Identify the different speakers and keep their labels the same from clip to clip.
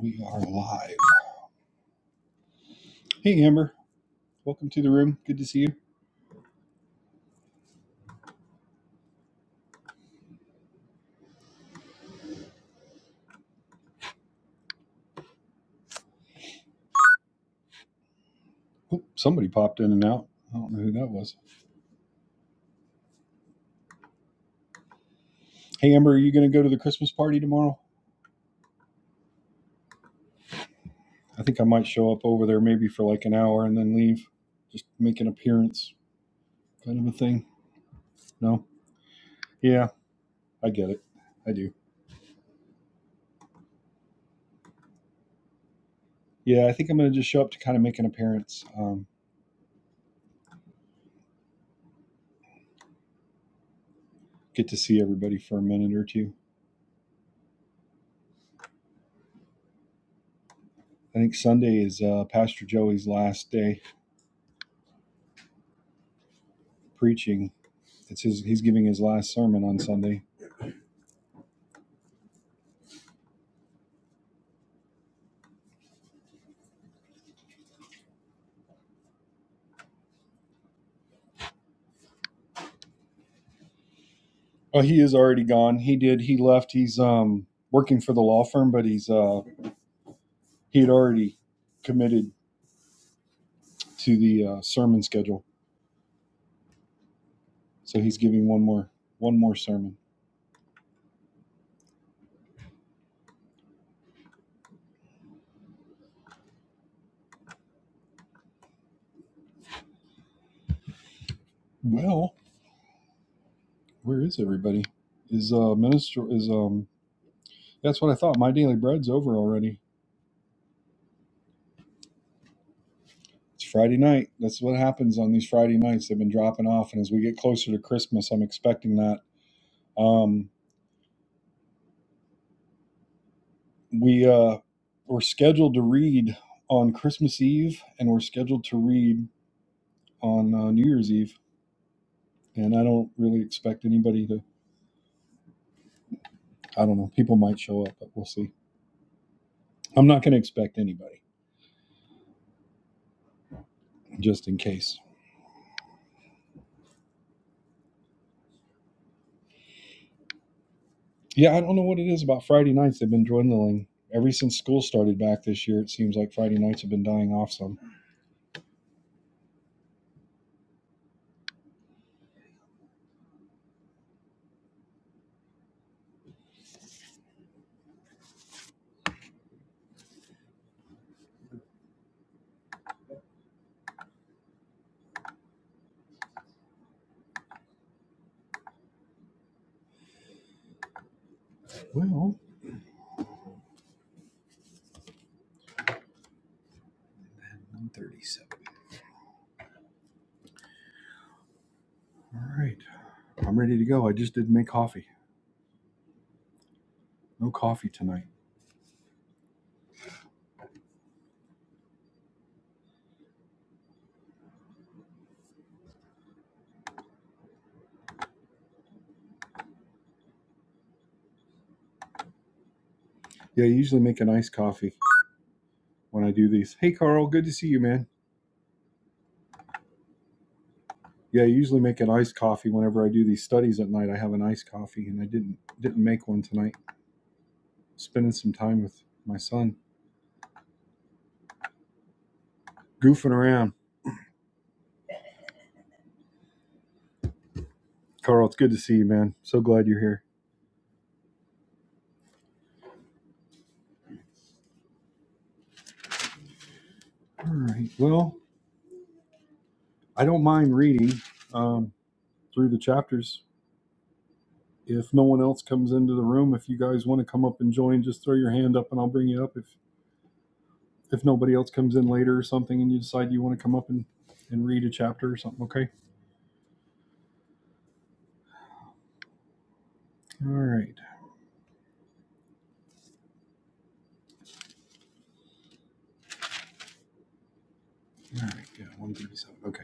Speaker 1: We are live. Hey, Amber. Welcome to the room. Good to see you. Oop, somebody popped in and out. I don't know who that was. Hey, Amber, are you going to go to the Christmas party tomorrow? I think I might show up over there maybe for like an hour and then leave. Just make an appearance kind of a thing. No? Yeah, I get it. I do. Yeah, I think I'm going to just show up to kind of make an appearance, um, get to see everybody for a minute or two. I think Sunday is uh, Pastor Joey's last day preaching. It's his, he's giving his last sermon on Sunday Oh, he is already gone. He did. He left. He's um working for the law firm, but he's uh he had already committed to the uh, sermon schedule, so he's giving one more one more sermon. Well, where is everybody? Is uh minister is um that's what I thought. My daily bread's over already. It's Friday night. That's what happens on these Friday nights. They've been dropping off, and as we get closer to Christmas, I'm expecting that. Um, we uh, we're scheduled to read on Christmas Eve, and we're scheduled to read on uh, New Year's Eve, and I don't really expect anybody to. I don't know. People might show up, but we'll see. I'm not going to expect anybody, just in case. Yeah, I don't know what it is about Friday nights. They've been dwindling ever since school started back this year. It seems like Friday nights have been dying off some. Well, 137. All right, I'm ready to go. I just didn't make coffee. No coffee tonight. Yeah, I usually make an iced coffee when I do these. Hey, Carl, good to see you, man. Yeah, I usually make an iced coffee whenever I do these studies at night. I have an iced coffee, and I didn't didn't make one tonight. spending some time with my son, goofing around. Carl, it's good to see you, man. So glad you're here. All right. Well, I don't mind reading um, through the chapters. If no one else comes into the room, if you guys want to come up and join, just throw your hand up and I'll bring you up. If if nobody else comes in later or something and you decide you want to come up and, and read a chapter or something, okay? All right. All right. Yeah, 137. Okay.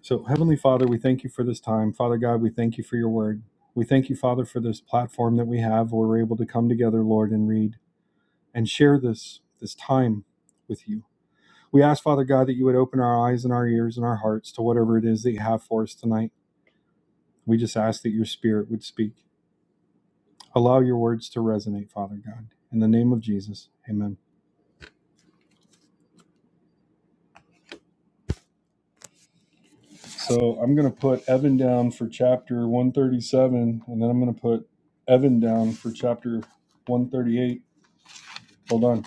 Speaker 1: So, Heavenly Father, we thank you for this time. Father God, we thank you for your word. We thank you, Father, for this platform that we have where we're able to come together, Lord, and read and share this this time with you. We ask, Father God, that you would open our eyes and our ears and our hearts to whatever it is that you have for us tonight. We just ask that your spirit would speak. Allow your words to resonate, Father God. In the name of Jesus, amen. So I'm going to put Evan down for chapter 137, and then I'm going to put Evan down for chapter 138. Hold on.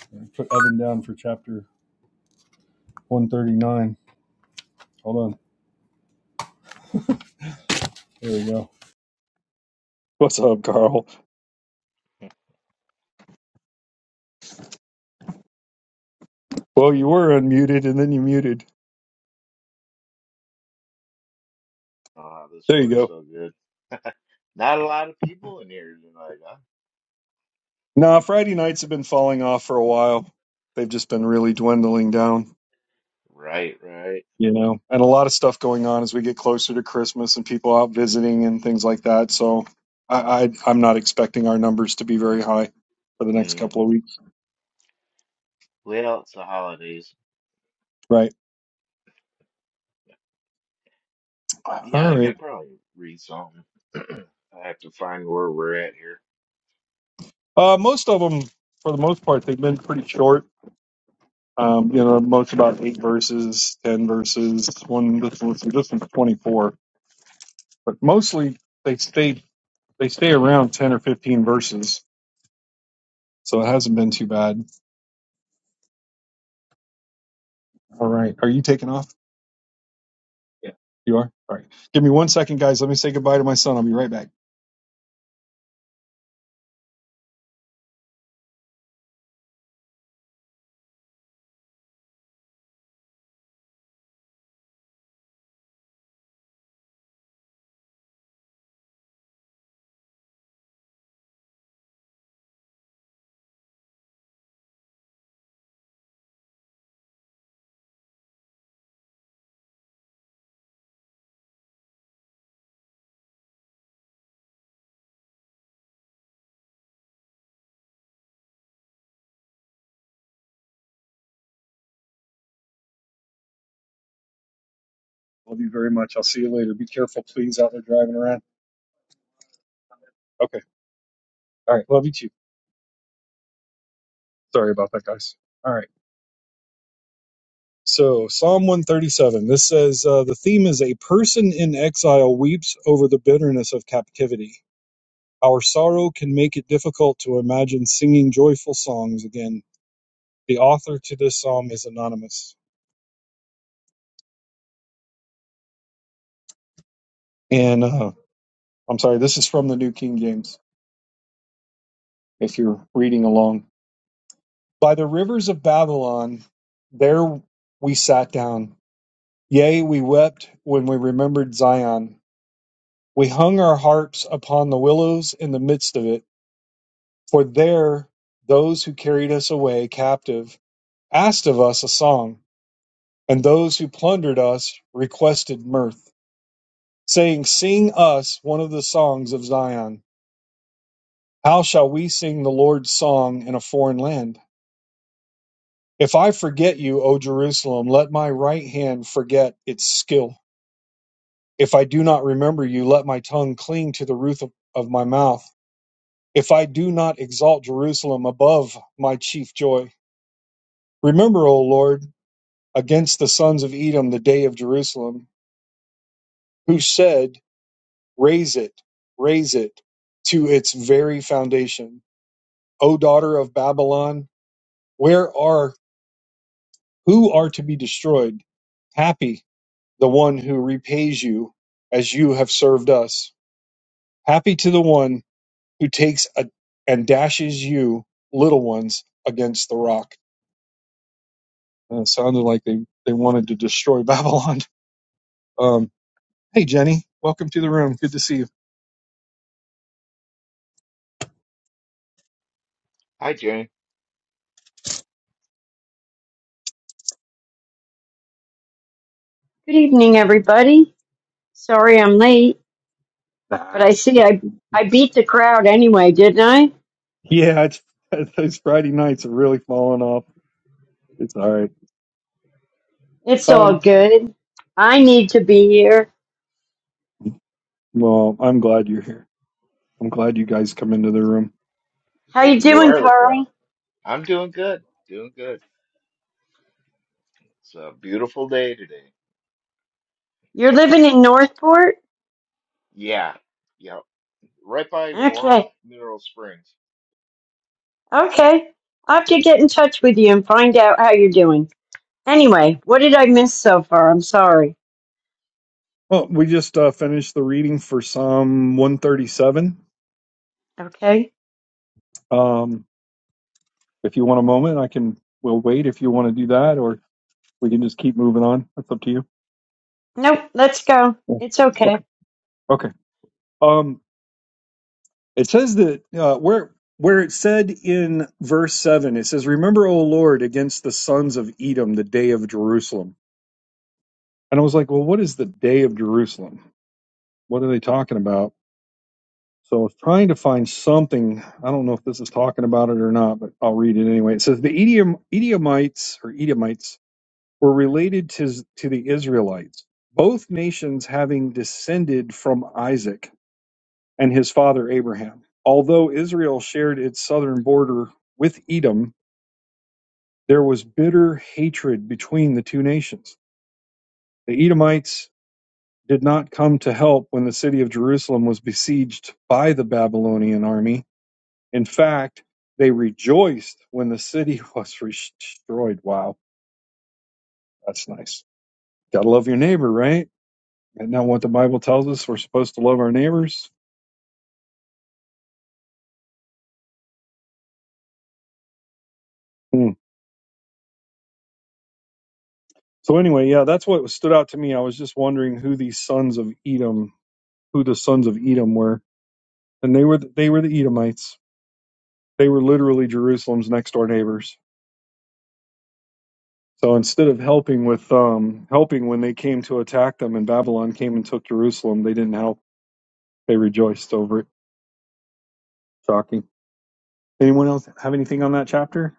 Speaker 1: Put Evan down for chapter 139. Hold on. There we go. What's up, Carl? Well, you were unmuted and then you muted.
Speaker 2: Oh, this
Speaker 1: There you
Speaker 2: works
Speaker 1: go.
Speaker 2: so good. Not a lot of people in here tonight, huh?
Speaker 1: Nah, Friday nights have been falling off for a while. They've just been really dwindling down,
Speaker 2: Right, right.
Speaker 1: you know, and a lot of stuff going on as we get closer to Christmas and people out visiting and things like that. So I, I I'm not expecting our numbers to be very high for the next
Speaker 2: Mm.
Speaker 1: couple of weeks.
Speaker 2: Well, it's the holidays.
Speaker 1: Right.
Speaker 2: Yeah,
Speaker 1: All
Speaker 2: I could
Speaker 1: right.
Speaker 2: probably read something. I have to find where we're at here.
Speaker 1: Uh, most of them, for the most part, they've been pretty short Um, you know, most about eight verses, ten verses. One this one this one's twenty four, but mostly they stay they stay around ten or fifteen verses, so it hasn't been too bad. All right, are you taking off? Yeah, you are. All right, give me one second, guys. Let me say goodbye to my son. I'll be right back. Love you very much. I'll see you later. Be careful, please, out there driving around. Okay. All right. Love you too. Sorry about that, guys. All right. So Psalm 137. This says uh, the theme is a person in exile weeps over the bitterness of captivity Our sorrow can make it difficult to imagine singing joyful songs again. The author to this psalm is anonymous. And uh, I'm sorry, this is from the New King James, if you're reading along. By the rivers of Babylon, there we sat down. Yea, we wept when we remembered Zion. We hung our harps upon the willows in the midst of it, for there those who carried us away captive asked of us a song, and those who plundered us requested mirth. saying, Sing us one of the songs of Zion. How shall we sing the Lord's song in a foreign land? If I forget you, O Jerusalem, let my right hand forget its skill. If I do not remember you, let my tongue cling to the roof of, of my mouth. If I do not exalt Jerusalem above my chief joy. Remember, O Lord, against the sons of Edom the day of Jerusalem, who said, Raise it, raise it to its very foundation O daughter of Babylon, where are who are to be destroyed? Happy the one who repays you as you have served us. Happy to the one who takes a, and dashes you, little ones, against the rock. And it sounded like they, they wanted to destroy Babylon. Um, hey, Jenny, welcome to the room. Good to see you.
Speaker 2: Hi, Jane.
Speaker 3: Good evening, everybody. Sorry I'm late, but
Speaker 1: Nah.
Speaker 3: I see I, I beat the crowd anyway, didn't I?
Speaker 1: Yeah, it's, those Friday nights are really falling off. It's all right.
Speaker 3: It's all
Speaker 1: Um,
Speaker 3: good. I need to be here.
Speaker 1: well, I'm glad you're here. I'm glad you guys come into the room.
Speaker 3: How
Speaker 2: Hey,
Speaker 3: you
Speaker 2: you
Speaker 3: doing,
Speaker 2: are the crowd.
Speaker 3: Carl?
Speaker 2: I'm doing good. Doing good. It's a beautiful day today.
Speaker 3: You're living in Northport?
Speaker 2: Yeah, yeah. Right by Warm
Speaker 3: Okay.
Speaker 2: Mineral Springs.
Speaker 3: Okay. I'll have to get in touch with you and find out how you're doing. Anyway, what did I miss so far? I'm sorry.
Speaker 1: Well, we just uh, finished the reading for Psalm 137.
Speaker 3: Okay.
Speaker 1: Um, if you want a moment, I can. We'll wait if you want to do that, or we can just keep moving on. That's up to you.
Speaker 3: Nope, let's go.
Speaker 1: Yeah.
Speaker 3: It's okay.
Speaker 1: Okay. Okay. Um, it says that uh, where where it said in verse seven, it says, "Remember, O Lord, against the sons of Edom, the day of Jerusalem." And I was like, "Well, what is the day of Jerusalem? What are they talking about?" So I was trying to find something. I don't know if this is talking about it or not, but I'll read it anyway. It says the Edom, Edomites or Edomites were related to, to the Israelites, both nations having descended from Isaac and his father Abraham. Although Israel shared its southern border with Edom, there was bitter hatred between the two nations. The Edomites did not come to help when the city of Jerusalem was besieged by the Babylonian army In fact, they rejoiced when the city was destroyed. Wow, that's nice. Gotta love your neighbor, right? Isn't that what the Bible tells us? We're supposed to love our neighbors. Hmm. So anyway, yeah, that's what stood out to me. I was just wondering who these sons of Edom, who the sons of Edom were, and they were they were the Edomites. They were literally Jerusalem's next door neighbors. So instead of helping with um, helping when they came to attack them, and Babylon came and took Jerusalem, they didn't help. They rejoiced over it. Shocking. Anyone else have anything on that chapter?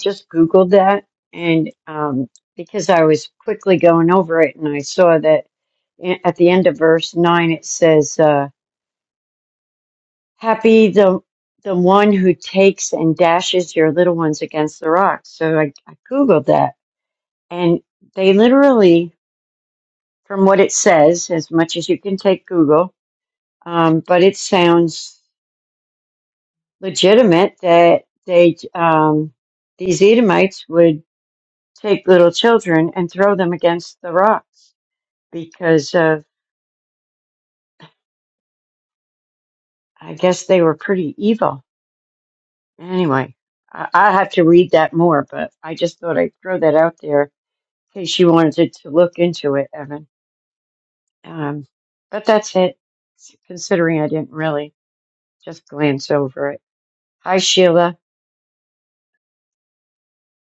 Speaker 3: just Googled that, and um, because I was quickly going over it, and I saw that a- at the end of verse nine it says, uh, "Happy the the one who takes and dashes your little ones against the rocks." So I, I Googled that, and they literally, from what it says, as much as you can take Google, um, but it sounds legitimate that they um, these Edomites would take little children and throw them against the rocks. because of I guess they were pretty evil. Anyway, I, I have to read that more, but I just thought I'd throw that out there in case you wanted to look into it, Evan. Um, but that's it. Considering I didn't really just glance over it. Hi, Sheila.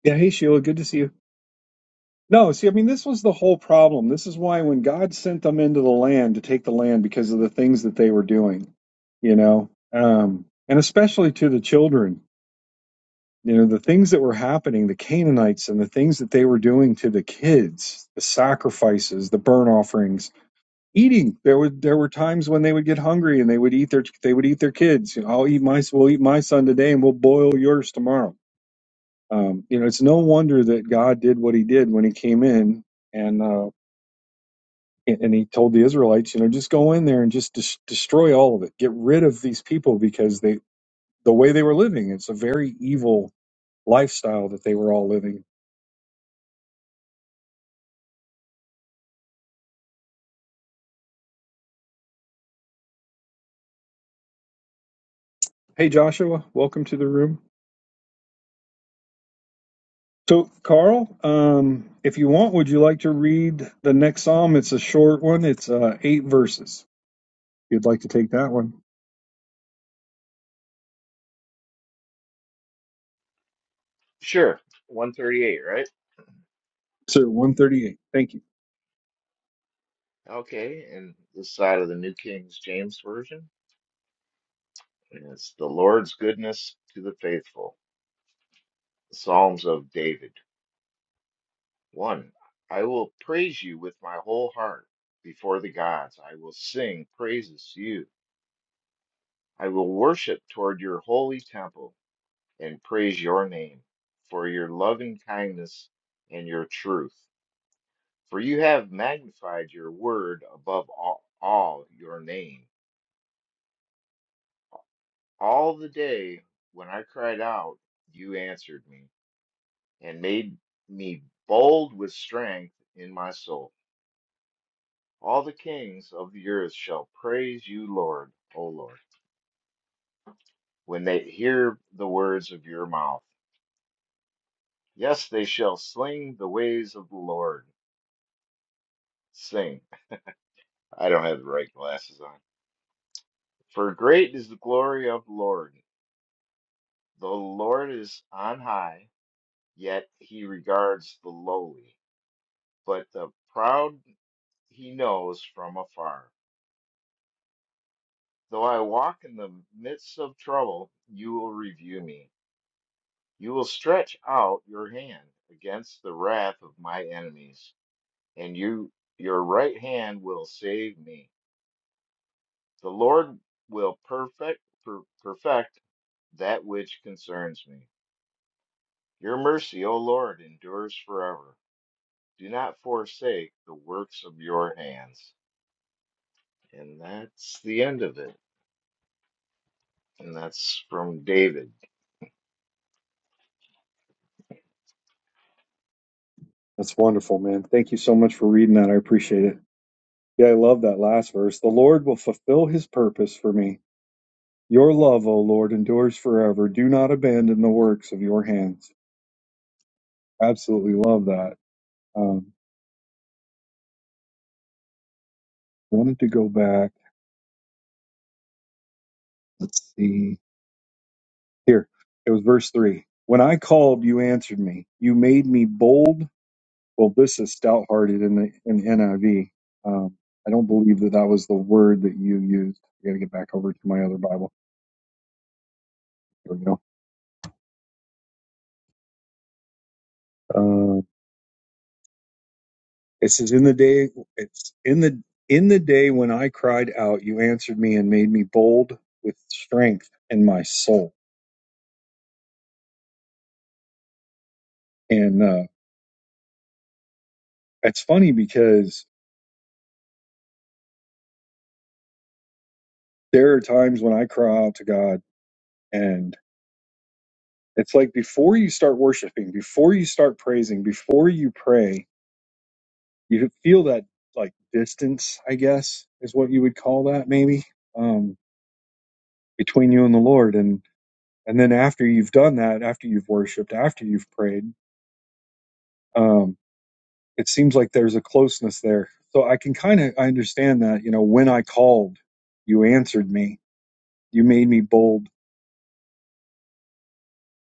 Speaker 1: Yeah, hey Sheila, good to see you. No, see, I mean, this was the whole problem. This is why when God sent them into the land to take the land because of the things that they were doing, you know, um, and especially to the children, you know, the things that were happening, the Canaanites and the things that they were doing to the kids, the sacrifices, the burnt offerings, eating. There were there were times when they would get hungry and they would eat their they would eat their kids. You know, I'll eat my we'll eat my son today and we'll boil yours tomorrow Um, you know, it's no wonder that God did what He did when He came in and uh, and He told the Israelites, you know, just go in there and just des- destroy all of it, get rid of these people because they the way they were living, it's a very evil lifestyle that they were all living. Hey, Joshua, welcome to the room. So, Carl, um, if you want, would you like to read the next psalm? It's a short one. It's uh, eight verses. If you'd like to take that one,
Speaker 2: Sure. 138, right?
Speaker 1: sir, one thirty-eight. Thank you.
Speaker 2: Okay. And this side of the New King James Version. And it's the Lord's goodness to the faithful. Psalms of David. 1. I will praise you with my whole heart before the gods. I will sing praises to you. I will worship toward your holy temple and praise your name for your loving kindness and your truth. For you have magnified your word above all, all your name. All the day when I cried out, you answered me and made me bold with strength in my soul. All the kings of the earth shall praise you, Lord, O Lord, when they hear the words of your mouth. Yes, they shall sing the ways of the Lord. Sing. I don't have the right glasses on. For great is the glory of the Lord. The Lord is on high, yet he regards the lowly. But the proud he knows from afar. Though I walk in the midst of trouble, you will review me. You will stretch out your hand against the wrath of my enemies, and you your right hand will save me. The Lord will perfect per- perfect that which concerns me. Your mercy, O Lord, endures forever. Do not forsake the works of your hands. And that's the end of it. And that's from David.
Speaker 1: That's wonderful, man. Thank you so much for reading that. I appreciate it. Yeah, I love that last verse. The Lord will fulfill his purpose for me. Your love, O Lord, endures forever. Do not abandon the works of your hands. Absolutely love that. Um, wanted to go back. Let's see. Here, it was verse three. When I called, you answered me. You made me bold. Well, this is stout hearted in the in NIV. Um, I don't believe that that was the word that you used. I got to get back over to my other Bible. Here we go. Uh, It says, "In the day, it's in the in the day when I cried out, you answered me and made me bold with strength in my soul." And uh, it's funny because there are times when I cry out to God, and it's like before you start worshiping, before you start praising, before you pray, you feel that like distance, I guess, is what you would call that, maybe, um, between you and the Lord, and and then after you've done that, after you've worshipped, after you've prayed. Um, it seems like there's a closeness there. So I can kind of I understand that. You know, when I called, you answered me. You made me bold.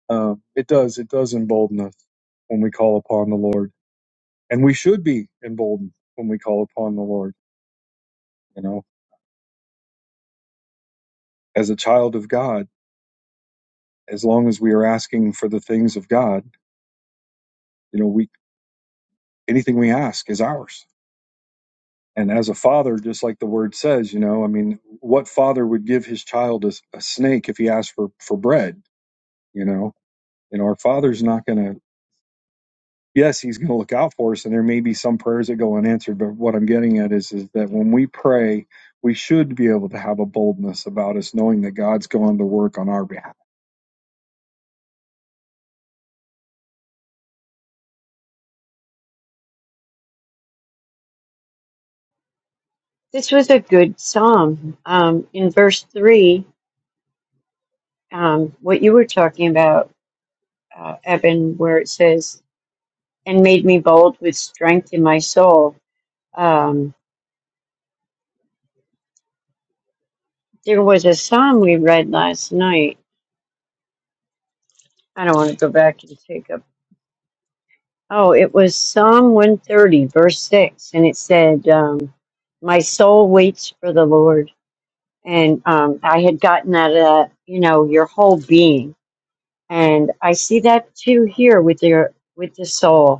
Speaker 1: Um, it does. It does embolden us when we call upon the Lord, and we should be emboldened when we call upon the Lord. You know, as a child of God, as long as we are asking for the things of God, you know, we anything we ask is ours. And as a father, just like the word says, you know, I mean, what father would give his child a, a snake if he asked for for bread? You know, And our Father's not going to, yes, He's going to look out for us, and there may be some prayers that go unanswered. But what I'm getting at is, is that when we pray, we should be able to have a boldness about us, knowing that God's going to work on our behalf.
Speaker 3: This was a good psalm. Um, in verse three, um, what you were talking about, uh, Evan, where it says, "And made me bold with strength in my soul." Um, There was a psalm we read last night. I don't want to go back and take up. Oh, it was Psalm 130, verse 6. And it said, um, My soul waits for the Lord. And um, I had gotten that, uh, you know, your whole being. And I see that too here with your with the soul.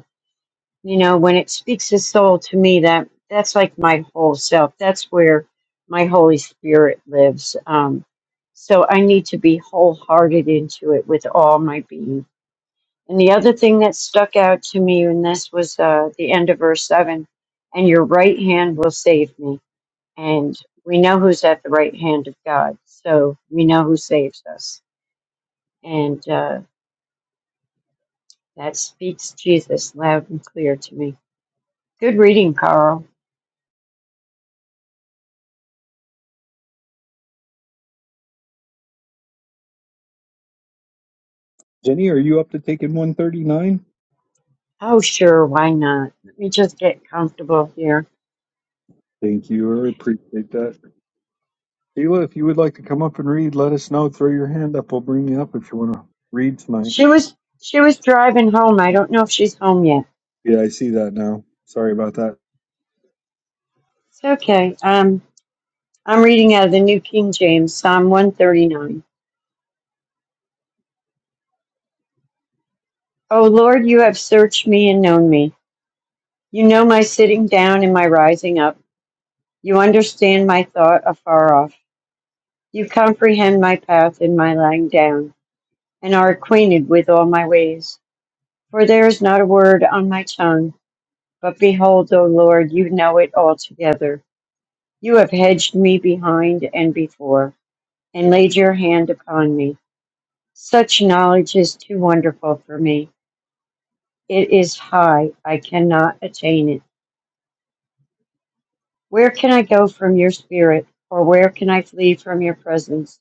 Speaker 3: you know when it speaks his soul to me that that's like my whole self that's where my holy spirit lives um so i need to be wholehearted into it with all my being and the other thing that stuck out to me and this was uh the end of verse 7 and your right hand will save me and we know who's at the right hand of god so we know who saves us and uh that speaks jesus loud and clear to me good reading carl
Speaker 1: Jenny, are you up to taking 139?
Speaker 3: Oh, sure, why not? Let me just get comfortable here.
Speaker 1: Thank you. I appreciate that. Sheila, if you would like to come up and read, let us know. Throw your hand up. We'll bring you up if you want to read tonight.
Speaker 3: She was she was driving home. I don't know if she's home yet.
Speaker 1: Yeah, I see that now. Sorry about that.
Speaker 3: It's okay. Um, I'm reading out of the New King James, Psalm 139. Oh Lord, you have searched me and known me. You know my sitting down and my rising up. You understand my thought afar off. You comprehend my path and my lying down, and are acquainted with all my ways. For there is not a word on my tongue, but behold, O Lord, you know it altogether. You have hedged me behind and before, and laid your hand upon me. Such knowledge is too wonderful for me. It is high, I cannot attain it. Where can I go from your spirit, or where can I flee from your presence?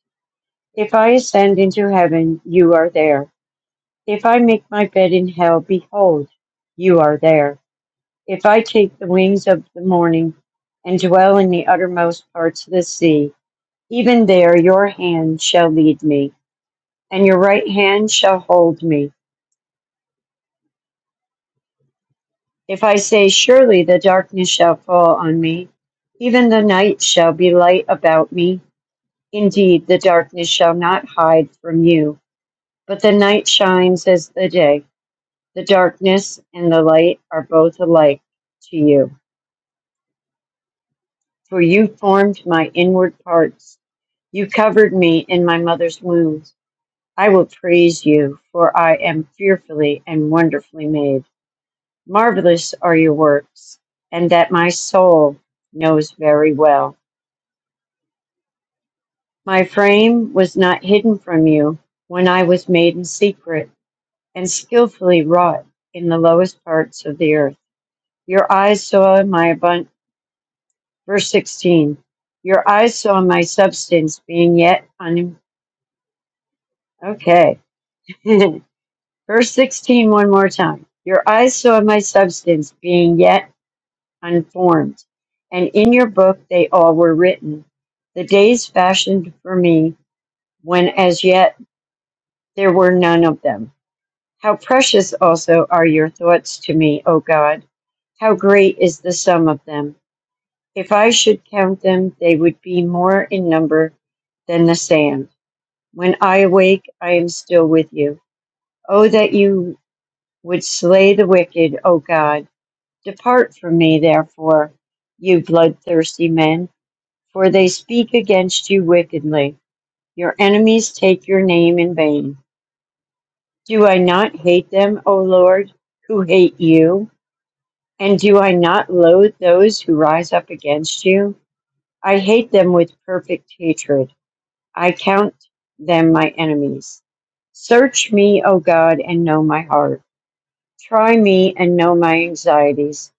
Speaker 3: If I ascend into heaven, you are there. If I make my bed in hell, behold, you are there. If I take the wings of the morning and dwell in the uttermost parts of the sea, even there your hand shall lead me and your right hand shall hold me. If I say, Surely the darkness shall fall on me, even the night shall be light about me. Indeed, the darkness shall not hide from you, but the night shines as the day. The darkness and the light are both alike to you. For you formed my inward parts. You covered me in my mother's womb. I will praise you, for I am fearfully and wonderfully made. Marvelous are your works, and that my soul knows very well. My frame was not hidden from you when I was made in secret and skillfully wrought in the lowest parts of the earth. Your eyes saw my abundance. Verse 16. Your eyes saw my substance being yet un. Okay. Verse 16, one more time. Your eyes saw my substance being yet unformed, and in your book they all were written, the days fashioned for me, when as yet there were none of them. How precious also are your thoughts to me, O God! How great is the sum of them! If I should count them, they would be more in number than the sand. When I awake, I am still with you. Oh, that you would slay the wicked, O God! Depart from me, therefore, you bloodthirsty men. for they speak against you wickedly. Your enemies take your name in vain. Do I not hate them, O Lord, who hate you? And do I not loathe those who rise up against you? I hate them with perfect hatred. I count them my enemies. Search me, O God, and know my heart. Try me and know my anxieties,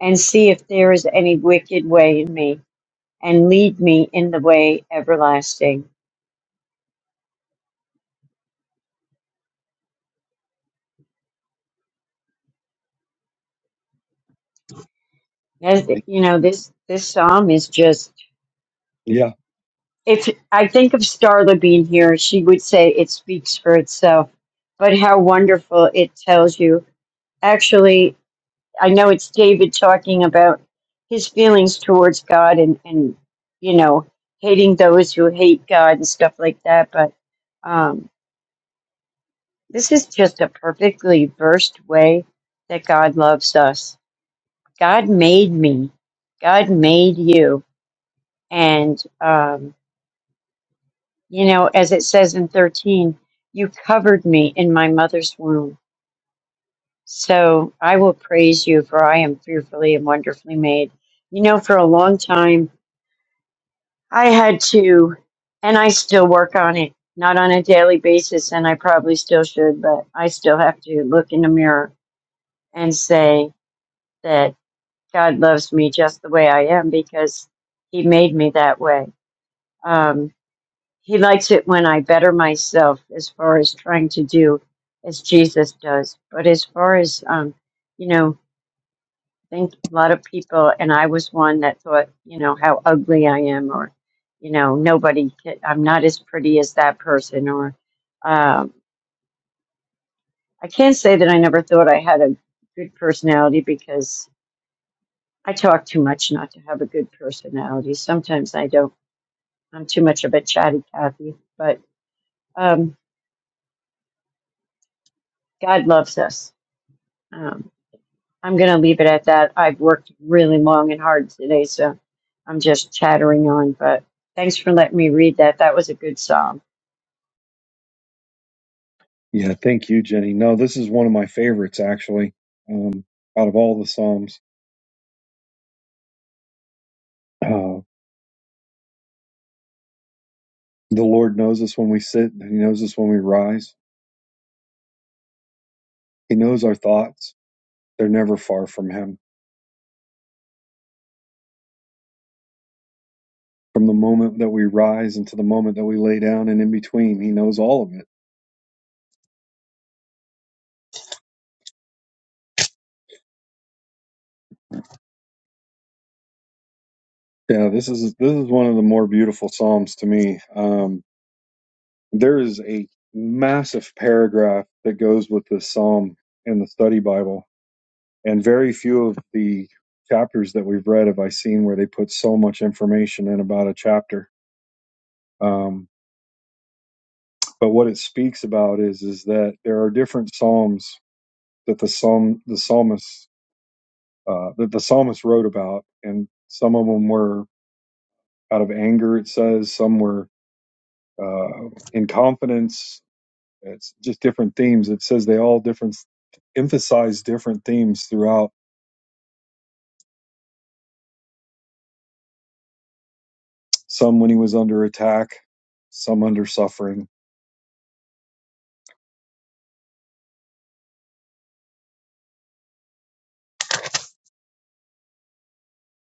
Speaker 3: and see if there is any wicked way in me, and lead me in the way everlasting. As you know, this this psalm is just.
Speaker 1: Yeah,
Speaker 3: If I think of Starla being here, she would say it speaks for itself. But how wonderful it tells you. Actually, I know it's David talking about his feelings towards God and and you know hating those who hate God and stuff like that. But um, this is just a perfectly versed way that God loves us. God made me. God made you, and. um, You know, as it says in 13, you covered me in my mother's womb. So I will praise you, for I am fearfully and wonderfully made. You know, for a long time, I had to, and I still work on it, not on a daily basis, and I probably still should, but I still have to look in the mirror and say that God loves me just the way I am because He made me that way. Um, He likes it when I better myself as far as trying to do as Jesus does. But as far as, um, you know, think a lot of people, and I was one that thought, you know, how ugly I am, or, you know, nobody, can, I'm not as pretty as that person, or um, I can't say that I never thought I had a good personality because I talk too much not to have a good personality. Sometimes I don't. I'm too much of a chatty Cathy, but um, God loves us. Um, I'm going to leave it at that. I've worked really long and hard today, so I'm just chattering on. But thanks for letting me read that. That was a good psalm.
Speaker 1: yeah. Thank you, Jenny. No, this is one of my favorites actually. Um, out of all the psalms. Uh, the Lord knows us when we sit, He knows us when we rise. He knows our thoughts. They're never far from Him. From the moment that we rise until the moment that we lay down and in between, He knows all of it. Yeah, this is this is one of the more beautiful psalms to me. Um, there is a massive paragraph that goes with this psalm in the study Bible, and very few of the chapters that we've read have I seen where they put so much information in about a chapter. Um, But what it speaks about is is that there are different psalms that the psalm the psalmist uh, that the psalmist wrote about, and some of them were out of anger. It says some were uh, in confidence. It's just different themes. It says they all different emphasize different themes throughout. Some when he was under attack, some under suffering.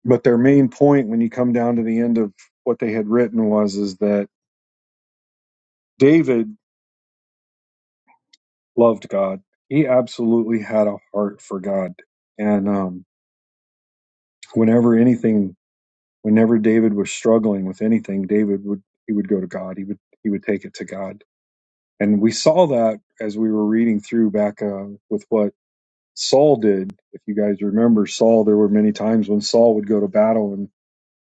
Speaker 1: But their main point, when you come down to the end of what they had written, was is that David loved God. He absolutely had a heart for God. And um, whenever anything, whenever David was struggling with anything, David would he would go to God. He would he would take it to God. And we saw that as we were reading through back uh, with what Saul did. If you guys remember Saul, there were many times when Saul would go to battle and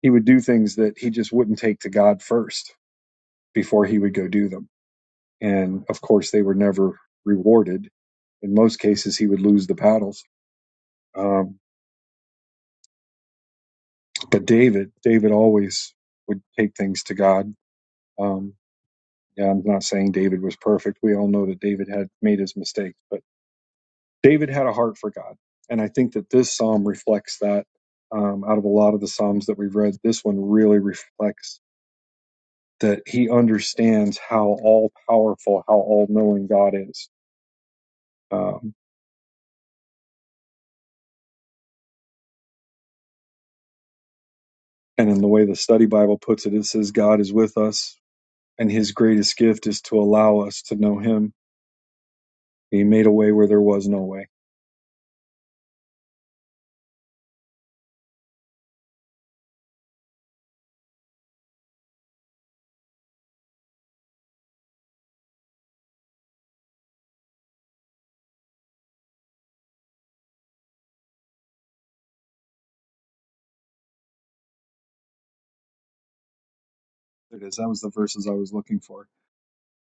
Speaker 1: he would do things that he just wouldn't take to God first before he would go do them. And of course, they were never rewarded. In most cases, he would lose the battles. Um, but David, David always would take things to God. Um, yeah, I'm not saying David was perfect. We all know that David had made his mistakes, but David had a heart for God, and I think that this psalm reflects that. Um, out of a lot of the psalms that we've read, this one really reflects that he understands how all powerful, how all knowing God is. Um, and in the way the study Bible puts it, it says God is with us, and His greatest gift is to allow us to know Him. He made a way where there was no way There it is. That was the verses I was looking for.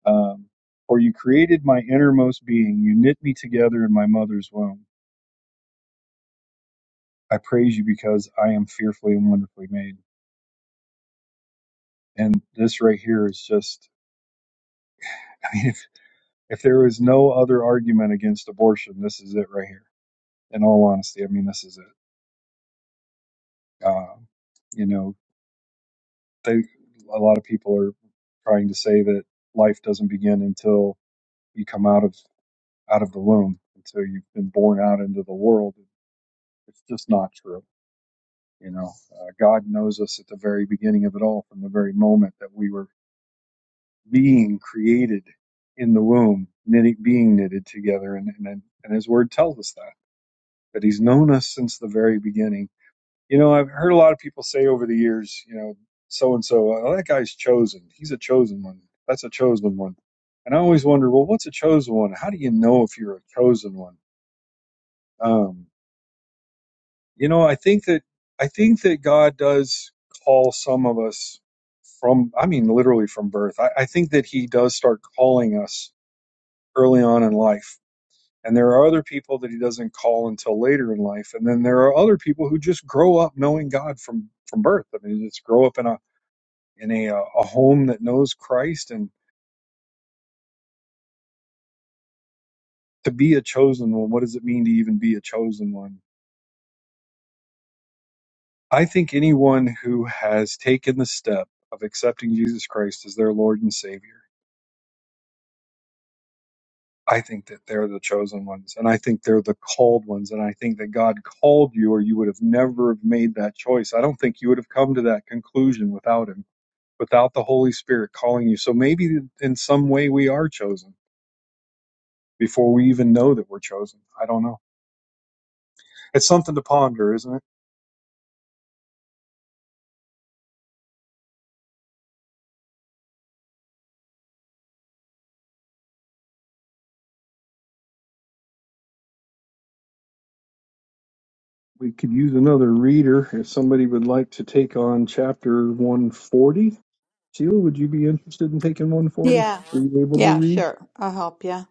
Speaker 1: Um, for you created my innermost being. You knit me together in my mother's womb. I praise you because I am fearfully and wonderfully made. And this right here is just, I mean, if, if there is no other argument against abortion, this is it right here. In all honesty, I mean, this is it. Um, you know, they, a lot of people are trying to say that life doesn't begin until you come out of out of the womb, until you've been born out into the world. It's just not true You know, uh, God knows us at the very beginning of it all, from the very moment that we were being created in the womb, knitting, being knitted together, and and and His Word tells us that that He's known us since the very beginning. You know, I've heard a lot of people say over the years, you know, so and so, "Oh, that guy's chosen. He's a chosen one. That's a chosen one. And I always wonder, well, what's a chosen one? How do you know if you're a chosen one? Um, You know, I think that I think that God does call some of us from I mean literally from birth. I, I think that he does start calling us early on in life. And there are other people that he doesn't call until later in life. And then there are other people who just grow up knowing God from from birth. I mean, just grow up in a in a uh, a home that knows Christ and to be a chosen one, what does it mean to even be a chosen one? I think anyone who has taken the step of accepting Jesus Christ as their Lord and Savior I think that they're the chosen ones and I think they're the called ones. And I think that God called you or you would have never have made that choice. I don't think you would have come to that conclusion without him, without the Holy Spirit calling you. So maybe in some way we are chosen before we even know that we're chosen. I don't know. It's something to ponder, isn't it? We could use another reader if somebody would like to take on chapter 140. Sheila, would you be interested in taking 140?
Speaker 4: Yeah.
Speaker 1: Are you able to
Speaker 4: Yeah,
Speaker 1: read?
Speaker 4: sure. I'll help you.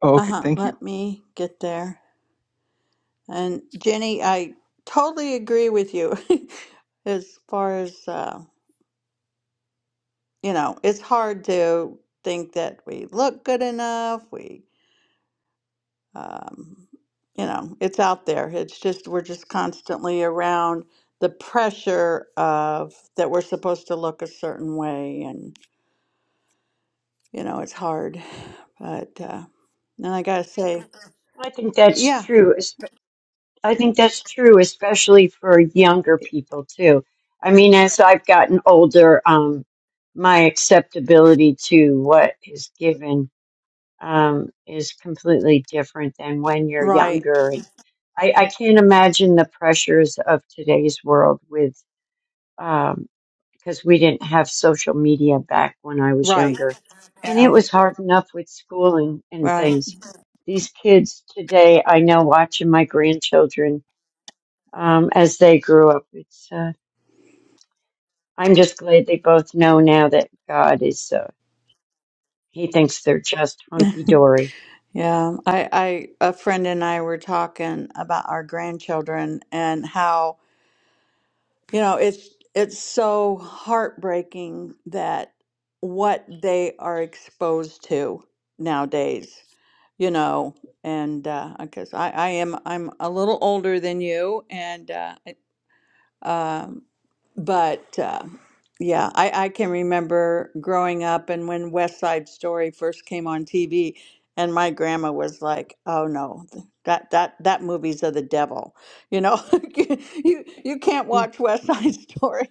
Speaker 1: Oh, okay.
Speaker 4: Uh-huh.
Speaker 1: Thank you.
Speaker 4: Let me get there. And Jenny, I totally agree with you as far as uh, you know, it's hard to think that we look good enough. We um you know, it's out there. It's just we're just constantly around the pressure of that we're supposed to look a certain way and you know, it's hard. But uh and I got to say,
Speaker 3: I think that's
Speaker 4: yeah,
Speaker 3: true. espe- I think that's true, especially for younger people too. I mean, as I've gotten older, um, my acceptability to what is given um, is completely different than when you're
Speaker 4: Right.
Speaker 3: younger. And I, I can't imagine the pressures of today's world with. um, because we didn't have social media back when I was
Speaker 4: Right.
Speaker 3: younger. And
Speaker 4: Yeah.
Speaker 3: it was hard enough with schooling and
Speaker 4: Right.
Speaker 3: things. These kids today, I know watching my grandchildren um, as they grew up, it's, uh, I'm just glad they both know now that God is, uh, he thinks they're just hunky dory.
Speaker 4: Yeah. I, I, a friend and I were talking about our grandchildren and how, you know, it's, it's so heartbreaking that what they are exposed to nowadays, you know, and, uh, because I, I am, I'm a little older than you and, uh, Um, but uh, yeah, I, I can remember growing up and when West Side Story first came on TV, and my grandma was like, "Oh no, th- that that that movie's of the devil," you know, you you can't watch West Side Story.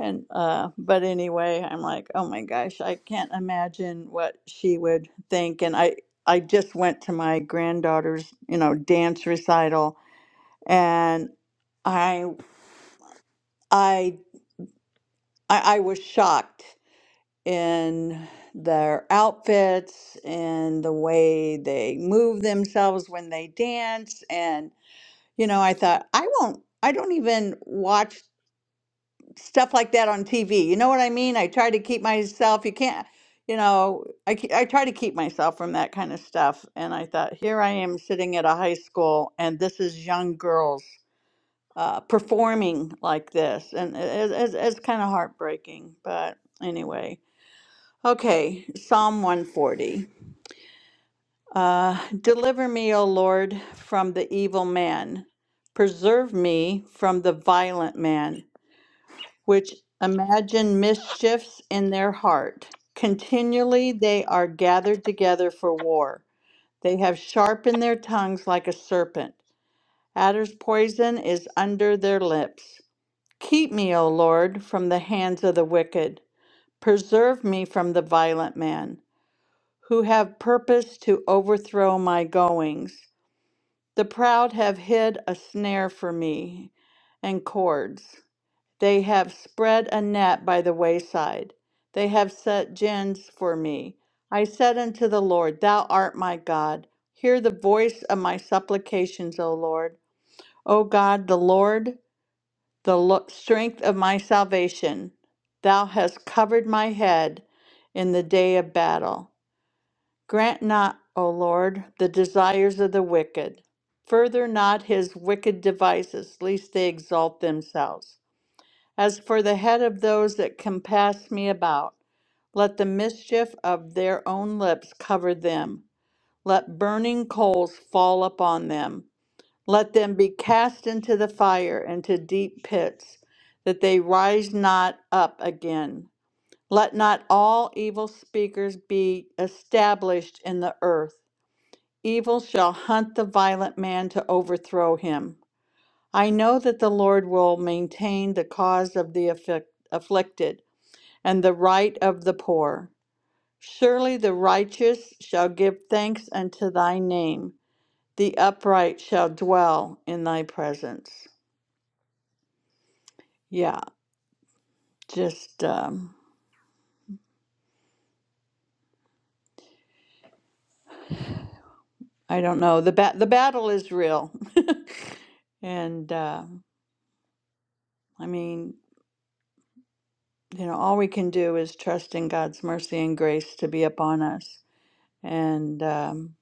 Speaker 4: And uh, but anyway, I'm like, oh my gosh, I can't imagine what she would think. And I I just went to my granddaughter's, you know, dance recital, and I I I, I was shocked in their outfits and the way they move themselves when they dance. And, you know, I thought, I won't, I don't even watch stuff like that on TV. You know what I mean? I try to keep myself, you can't, you know, I, ke- I try to keep myself from that kind of stuff. And I thought, here I am sitting at a high school and this is young girls. Uh, performing like this, and it, it, it's, it's kind of heartbreaking, but anyway, Okay, Psalm 140. Uh, Deliver me, O Lord, from the evil man. Preserve me from the violent man, which imagine mischiefs in their heart. Continually they are gathered together for war. They have sharpened their tongues like a serpent. Adder's poison is under their lips. Keep me, O Lord, from the hands of the wicked. Preserve me from the violent man. who have purposed to overthrow my goings. The proud have hid a snare for me and cords. They have spread a net by the wayside. They have set gins for me. I said unto the Lord, Thou art my God. Hear the voice of my supplications, O Lord. O God, the Lord, the lo- strength of my salvation. Thou hast covered my head in the day of battle. Grant not, O Lord, the desires of the wicked. Further not his wicked devices, lest they exalt themselves. As for the head of those that compass me about, let the mischief of their own lips cover them. Let burning coals fall upon them. Let them be cast into the fire, into deep pits, that they rise not up again. Let not all evil speakers be established in the earth. Evil shall hunt the violent man to overthrow him. I know that the Lord will maintain the cause of the afflic- afflicted and the right of the poor. Surely the righteous shall give thanks unto thy name, the upright shall dwell in thy presence. Yeah, just, um, I don't know. The, ba- the battle is real. And uh, I mean, you know, all we can do is trust in God's mercy and grace to be upon us. And um,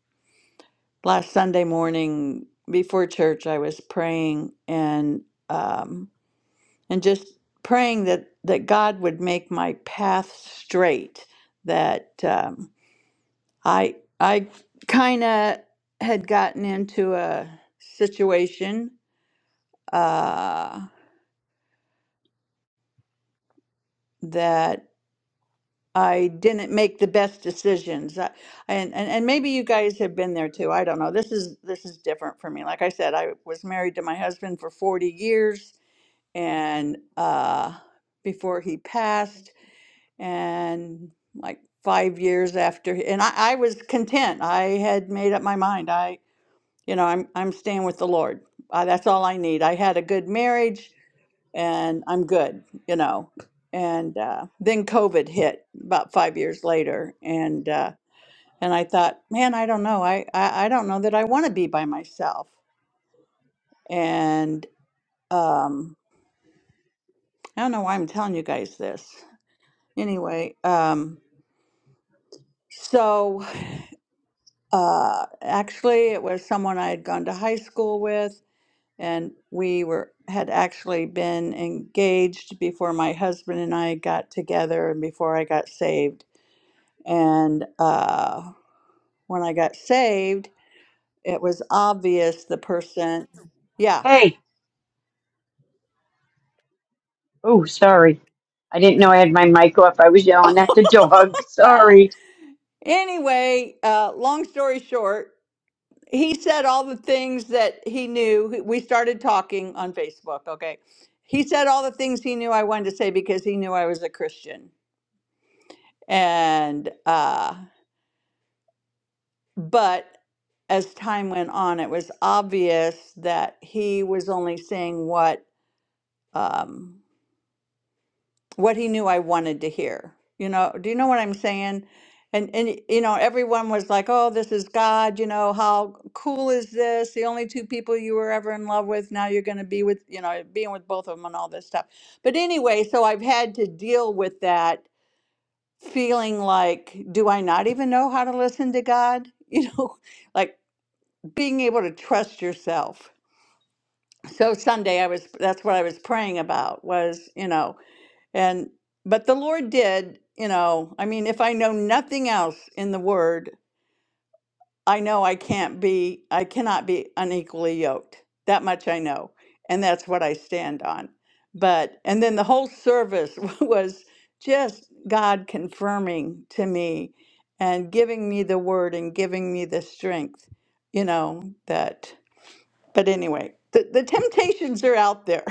Speaker 4: last Sunday morning before church, I was praying and um, and just praying that that God would make my path straight. That um, I I kind of had gotten into a situation uh, that I didn't make the best decisions. I, and, and and maybe you guys have been there too. I don't know. This is this is different for me. Like I said, I was married to my husband for 40 years and uh before he passed and like 5 years after and I, I was content. I had made up my mind. I you know, I'm I'm staying with the Lord. Uh, that's all I need. I had a good marriage and I'm good, you know. And uh, then COVID hit about five years later, and uh, and I thought, man, I don't know, I I, I don't know that I want to be by myself, and um, I don't know why I'm telling you guys this. Anyway, um, so uh, actually, it was someone I had gone to high school with, and we were had actually been engaged before my husband and I got together and before I got saved And uh, when I got saved, it was obvious the person, yeah.
Speaker 3: Hey, oh, sorry. I didn't know I had my mic off. I was yelling at the dog. Sorry.
Speaker 4: anyway, uh, long story short, he said all the things that he knew. We started talking on Facebook, okay? He said all the things he knew I wanted to say because he knew I was a Christian. And, uh, but as time went on, it was obvious that he was only saying what. Um, what he knew I wanted to hear. You know, do you know what I'm saying? And and you know, everyone was like, "Oh, this is God." You know, how cool is this? The only two people you were ever in love with, now you're going to be with, you know, being with both of them and all this stuff. But anyway, so I've had to deal with that feeling like, do I not even know how to listen to God? You know, like being able to trust yourself. So Sunday, I was that's what I was praying about was, you know, and but the Lord did, you know, I mean, if I know nothing else in the word, I know I can't be I cannot be unequally yoked. That much I know. And that's what I stand on. But and then the whole service was just God confirming to me and giving me the word and giving me the strength, you know, that but anyway, the, the temptations are out there.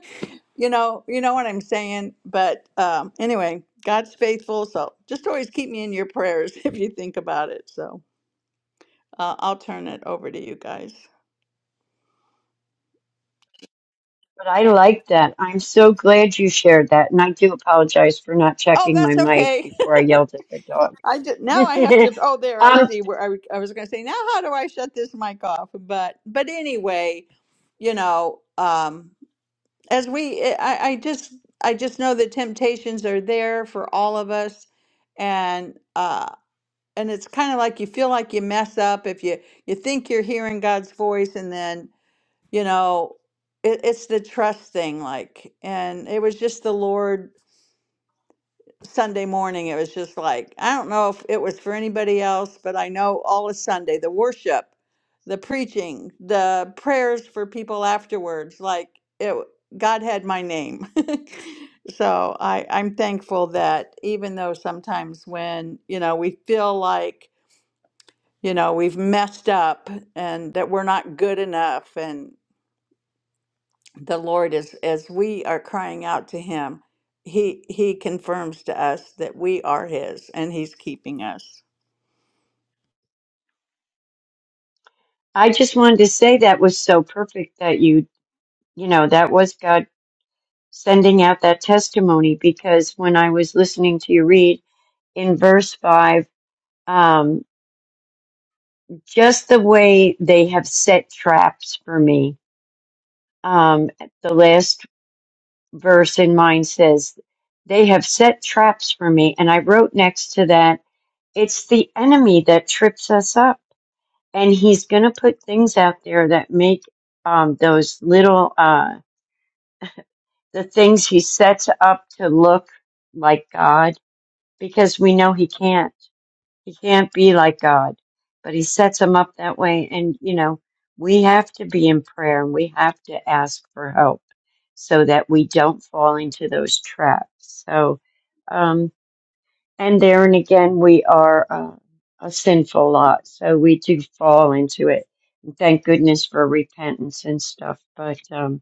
Speaker 4: you know, you know what I'm saying. But um, anyway, God's faithful, so just always keep me in your prayers if you think about it. So uh, I'll turn it over to you guys.
Speaker 3: But I like that. I'm so glad you shared that. And I do apologize for not
Speaker 4: Oh,
Speaker 3: checking my
Speaker 4: that's
Speaker 3: mic
Speaker 4: okay.
Speaker 3: before I yelled at the dog.
Speaker 4: I just, now I have to. Oh, there I
Speaker 3: um,
Speaker 4: see where I, w- I was going to say. Now, how do I shut this mic off? But but anyway, you know, um, as we, eh, I, I just I just know the temptations are there for all of us, and uh, and it's kind of like you feel like you mess up if you you think you're hearing God's voice and then you know it, it's the trust thing like and it was just the Lord Sunday morning it was just like I don't know if it was for anybody else but I know all of Sunday the worship the preaching the prayers for people afterwards like it God had my name so I I'm thankful that even though sometimes when you know we feel like you know we've messed up and that we're not good enough and the lord is as we are crying out to him he he confirms to us that we are his and he's keeping us
Speaker 3: I just wanted to say that was so perfect that you, you know, that was God sending out that testimony because when I was listening to you read in verse five, um, just the way they have set traps for me. Um, the last verse in mine says, they have set traps for me. And I wrote next to that, It's the enemy that trips us up, and he's going to put things out there that make um, those little uh, the things he sets up to look like God, because we know he can't. He can't be like God, but he sets them up that way, and you know we have to be in prayer and we have to ask for help so that we don't fall into those traps. So. um, And there and again, we are uh, a sinful lot, so we do fall into it. And Thank goodness for repentance and stuff. But um,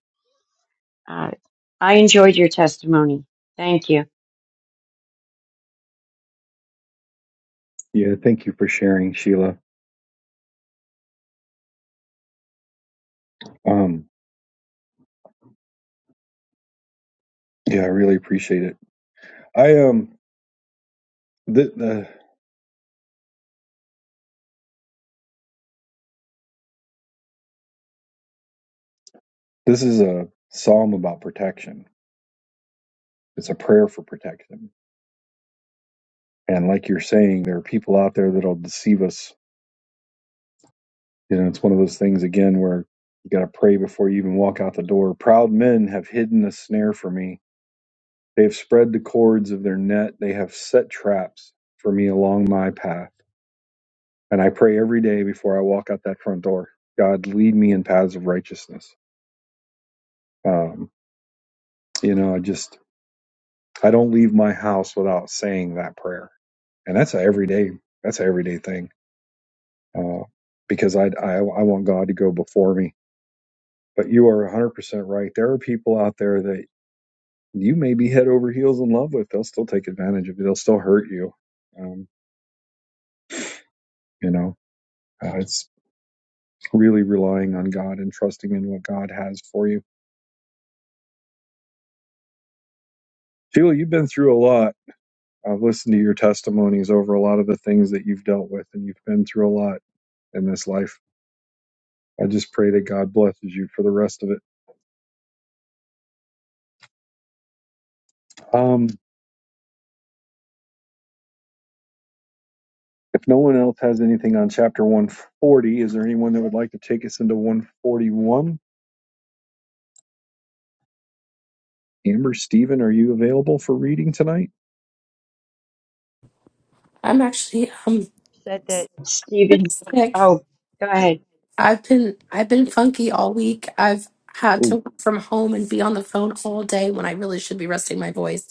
Speaker 3: uh, I enjoyed your testimony. Thank you.
Speaker 1: Yeah, thank you for sharing, Sheila. Um, yeah, I really appreciate it. I um, th- the this is a psalm about protection. It's a prayer for protection. And like you're saying, there are people out there that'll deceive us. You know, it's one of those things again where you got to pray before you even walk out the door. Proud men have hidden a snare for me. They have spread the cords of their net. They have set traps for me along my path. And I pray every day before I walk out that front door. God, lead me in paths of righteousness. Um, you know, I just I don't leave my house without saying that prayer, and that's a everyday that's an everyday thing uh, because I, I I want God to go before me. But you are 100 percent right. There are people out there that you may be head over heels in love with. They'll still take advantage of you. They'll still hurt you. Um, you know, uh, it's really relying on God and trusting in what God has for you. Sheila, you've been through a lot. I've listened to your testimonies over a lot of the things that you've dealt with, and you've been through a lot in this life I just pray that God blesses you for the rest of it. Um, if no one else has anything on chapter 140, is there anyone that would like to take us into 141? Amber, Stephen, are you available for reading tonight?
Speaker 5: I'm actually um
Speaker 3: Said that
Speaker 5: pretty
Speaker 3: Stephen,
Speaker 5: sick.
Speaker 3: oh, go ahead.
Speaker 5: I've been I've been funky all week. I've had
Speaker 1: Oh,
Speaker 5: to work from home and be on the phone all day when I really should be resting my voice.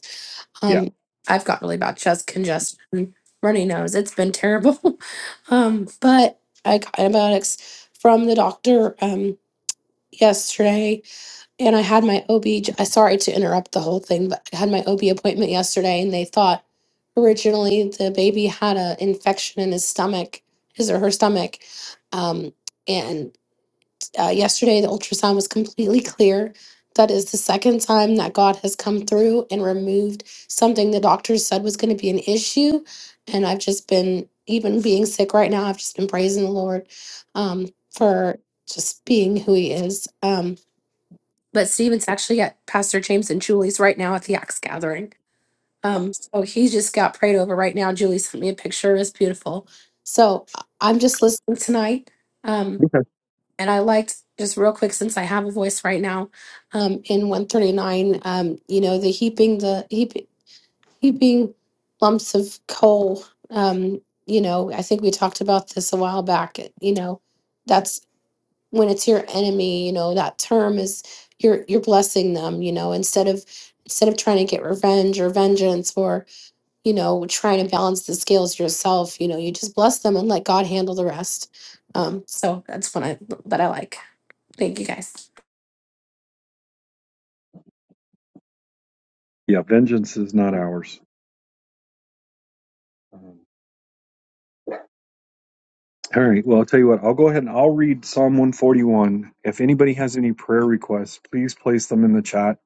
Speaker 1: yeah.
Speaker 5: Um, I've got really bad chest congestion, runny nose. It's been terrible. um, but I got antibiotics from the doctor um yesterday. And I had my OB, j- I sorry to interrupt the whole thing, but I had my OB appointment yesterday and they thought originally the baby had an infection in his stomach, his or her stomach. Um, and uh, yesterday the ultrasound was completely clear. That is the second time that God has come through and removed something the doctors said was going to be an issue. And I've just been, even being sick right now, I've just been praising the Lord um, for just being who he is. Um, but Stephen's actually at Pastor James and Julie's right now at the Axe Gathering. Um, so he just got prayed over right now. Julie sent me a picture; it's beautiful. So I- I'm just listening tonight, um,
Speaker 1: Okay.
Speaker 5: and I liked just real quick since I have a voice right now um, in 139. Um, you know, the heaping the heap, heaping lumps of coal. Um, you know, I think we talked about this a while back. You know, when it's your enemy you know that term is you're you're blessing them you know instead of instead of trying to get revenge or vengeance or you know trying to balance the scales yourself you know you just bless them and let god handle the rest um so that's one i that i like thank you guys
Speaker 1: Yeah, vengeance is not ours. Um, All right. Well, I'll tell you what, I'll go ahead and I'll read Psalm 141. If anybody has any prayer requests, please place them in the chat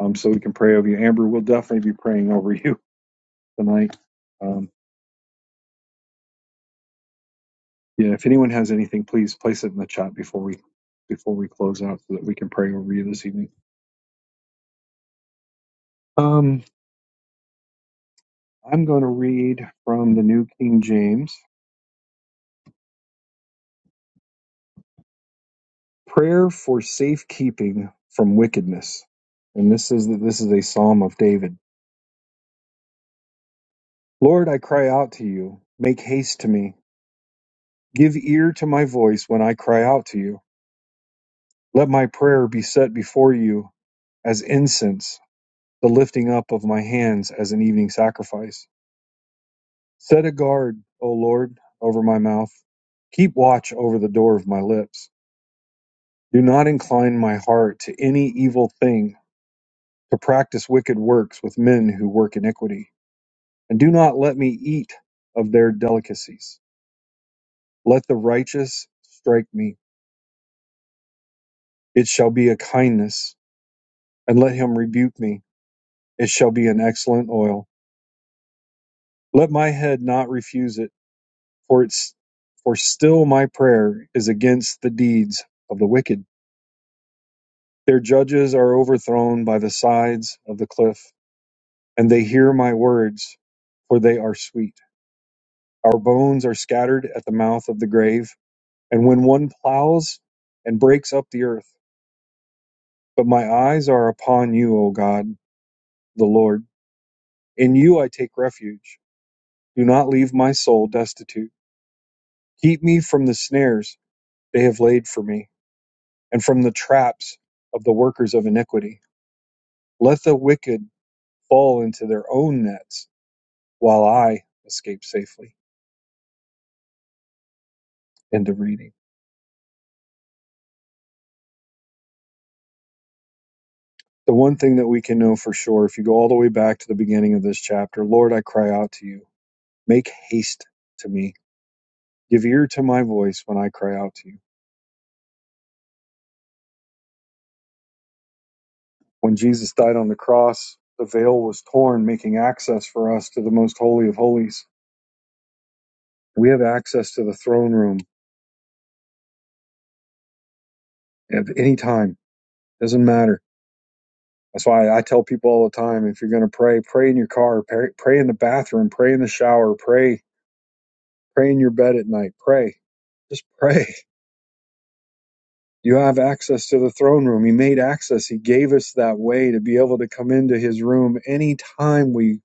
Speaker 1: um, so we can pray over you. Amber, we'll definitely be praying over you tonight. Um, Yeah, if anyone has anything, please place it in the chat before we before we close out so that we can pray over you this evening. Um, I'm going to read from the New King James. Prayer for safekeeping from wickedness. And this is this is a psalm of David. Lord, I cry out to you. Make haste to me. Give ear to my voice when I cry out to you. Let my prayer be set before you as incense, the lifting up of my hands as an evening sacrifice. Set a guard, O Lord, over my mouth. Keep watch over the door of my lips. Do not incline my heart to any evil thing, to practice wicked works with men who work iniquity. And do not let me eat of their delicacies. Let the righteous strike me. It shall be a kindness. And let him rebuke me. It shall be an excellent oil. Let my head not refuse it, for it's for still my prayer is against the deeds of the wicked. Their judges are overthrown by the sides of the cliff, and they hear my words, for they are sweet. Our bones are scattered at the mouth of the grave, and when one plows and breaks up the earth. But my eyes are upon you, O God, the Lord. In you I take refuge. Do not leave my soul destitute. Keep me from the snares they have laid for me, and from the traps of the workers of iniquity. Let the wicked fall into their own nets while I escaped safely. into reading. The one thing that we can know for sure, if you go all the way back to the beginning of this chapter, Lord, I cry out to you. Make haste to me. Give ear to my voice when I cry out to you. When Jesus died on the cross, the veil was torn, making access for us to the most holy of holies. We have access to the throne room at any time. Doesn't matter. That's why I tell people all the time if you're going to pray, pray in your car, pray, pray in the bathroom, pray in the shower, pray Pray in your bed at night. Pray. Just pray. You have access to the throne room. He made access. He gave us that way to be able to come into his room anytime we,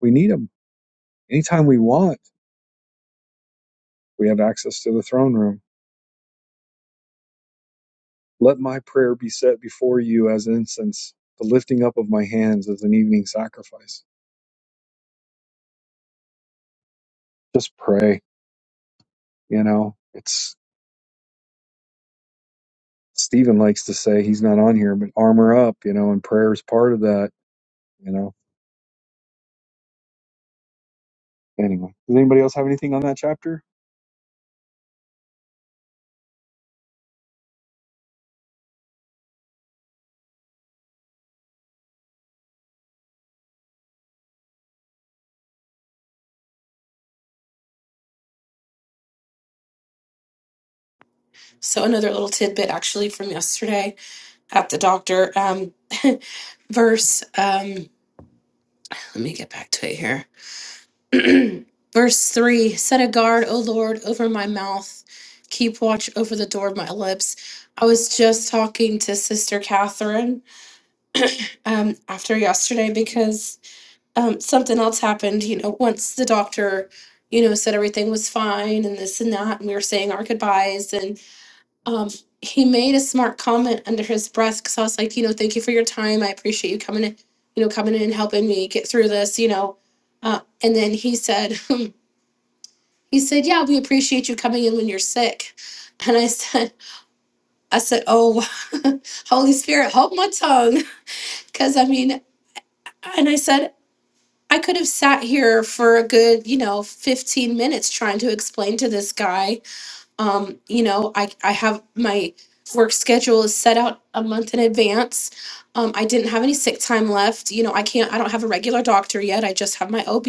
Speaker 1: we need him. Anytime we want, we have access to the throne room. Let my prayer be set before you as incense, the lifting up of my hands as an evening sacrifice. Just pray, you know. It's Stephen likes to say he's not on here, but armor up, you know, and prayer is part of that, you know. Anyway. Does anybody else have anything on that chapter?
Speaker 5: so another little tidbit actually from yesterday at the doctor um verse um let me get back to it here Verse 3 Set a guard, O Lord, over my mouth. Keep watch over the door of my lips. I was just talking to Sister Catherine um, after yesterday because um, something else happened. You know, once the doctor, you know, said everything was fine and this and that, and we were saying our goodbyes, and um, he made a smart comment under his breath because I was like, you know, thank you for your time. I appreciate you coming in, you know, coming in and helping me get through this, you know. Uh, and then he said, He said, Yeah, we appreciate you coming in when you're sick. And I said, I said, Oh, Holy Spirit, hold my tongue. Cause I mean, and I said, I could have sat here for a good, you know, 15 minutes trying to explain to this guy. Um, you know, I, I have my work schedule is set out a month in advance. Um, I didn't have any sick time left. You know, I can't, I don't have a regular doctor yet. I just have my OB.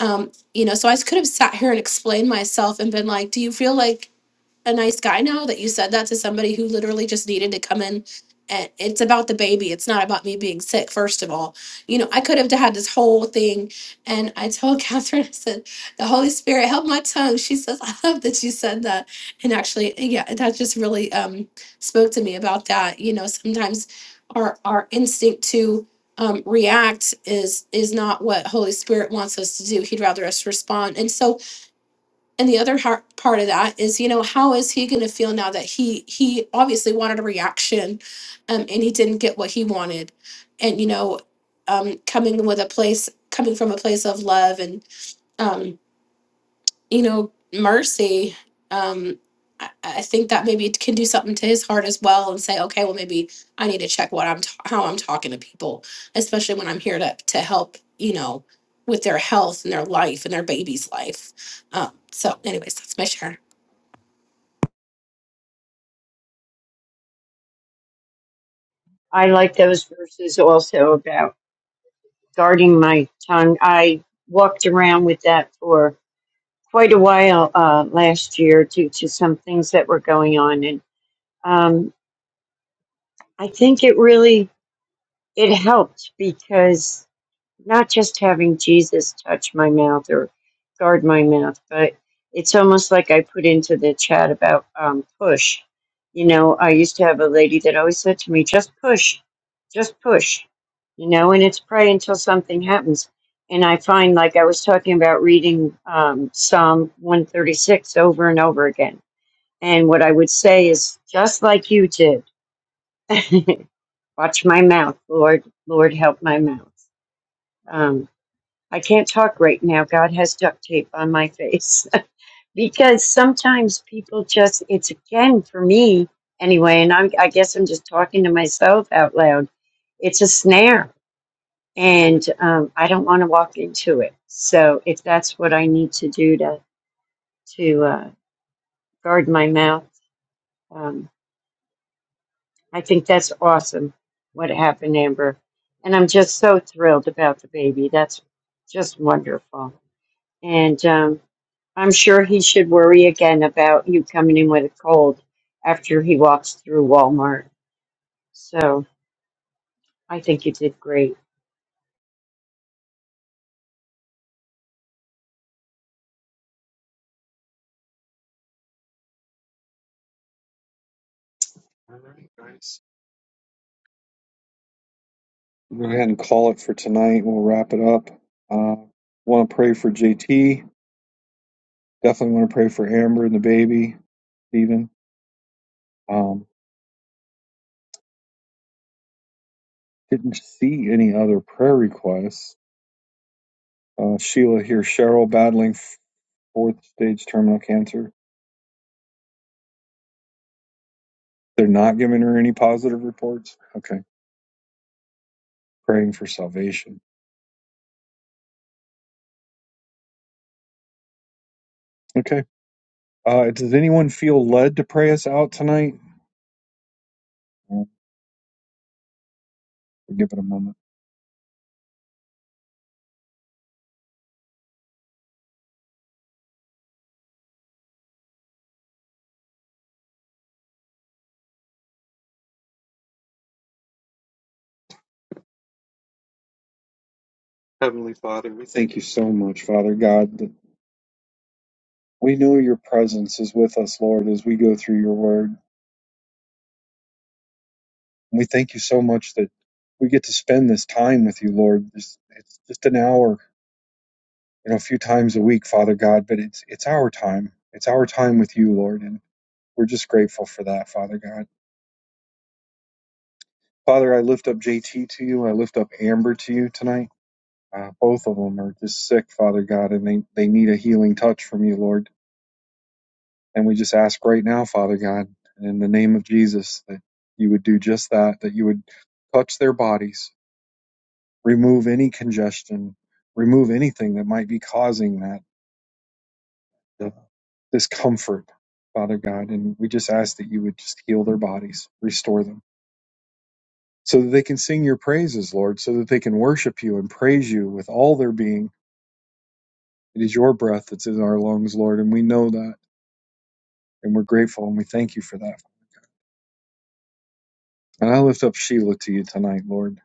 Speaker 5: Um, you know, so I could have sat here and explained myself and been like, do you feel like a nice guy now that you said that to somebody who literally just needed to come in and it's about the baby it's not about me being sick first of all you know i could have had this whole thing and i told catherine i said the holy spirit help my tongue she says i love that you said that and actually yeah that just really um spoke to me about that you know sometimes our our instinct to um, react is is not what holy spirit wants us to do he'd rather us respond and so and the other har- part of that is you know how is he going to feel now that he he obviously wanted a reaction um, and he didn't get what he wanted and you know um, coming with a place coming from a place of love and um, you know mercy um, I, I think that maybe it can do something to his heart as well and say okay well maybe i need to check what i'm t- how i'm talking to people especially when i'm here to, to help you know with their health and their life and their baby's life um, so anyways that's my share
Speaker 3: I like those verses also about guarding my tongue. I walked around with that for quite a while uh, last year due to some things that were going on. And um, I think it really. it helped because not just having Jesus touch my mouth or guard my mouth, but it's almost like I put into the chat about um, push. You know, I used to have a lady that always said to me, just push, just push, you know, and it's pray until something happens. And I find, like I was talking about reading um, Psalm 136 over and over again. And what I would say is, just like you did. Watch my mouth, Lord. Lord, help my mouth. Um, I can't talk right now. God has duct tape on my face because sometimes people just, it's again for me anyway, and I'm, I guess I'm just talking to myself out loud. It's a snare and um, I don't want to walk into it. So if that's what I need to do to, to uh, guard my mouth, um, I think that's awesome what happened, Amber. And I'm just so thrilled about the baby. That's just wonderful. And um, I'm sure he should worry again about you coming in with a cold after he walks through Walmart. So I think you did great.
Speaker 1: All right, guys. We'll go ahead and call it for tonight. We'll wrap it up. Uh, want to pray for JT. Definitely want to pray for Amber and the baby, Stephen. Um, didn't see any other prayer requests. Uh, Sheila here, Cheryl battling fourth stage terminal cancer. They're not giving her any positive reports. Okay. Praying for salvation. Okay. Uh, does anyone feel led to pray us out tonight? Uh, We'll give it a moment. Heavenly Father, we thank you so much, Father God. that We know your presence is with us, Lord, as we go through your word. And we thank you so much that we get to spend this time with you, Lord. This- It's just an hour, you know, a few times a week, Father God, but it's it's our time. It's our time with you, Lord, and we're just grateful for that, Father God. Father, I lift up JT to you. I lift up Amber to you tonight. Uh, both of them are just sick, Father God, and they, they need a healing touch from you, Lord. And we just ask right now, Father God, in the name of Jesus, that you would do just that, that you would touch their bodies, remove any congestion, remove anything that might be causing that the discomfort, Father God. And we just ask that you would just heal their bodies, restore them, so that they can sing your praises, Lord, so that they can worship you and praise you with all their being. It is your breath that's in our lungs, Lord, and we know that, and we're grateful, and we thank you for that. And I lift up Sheila to you tonight, Lord.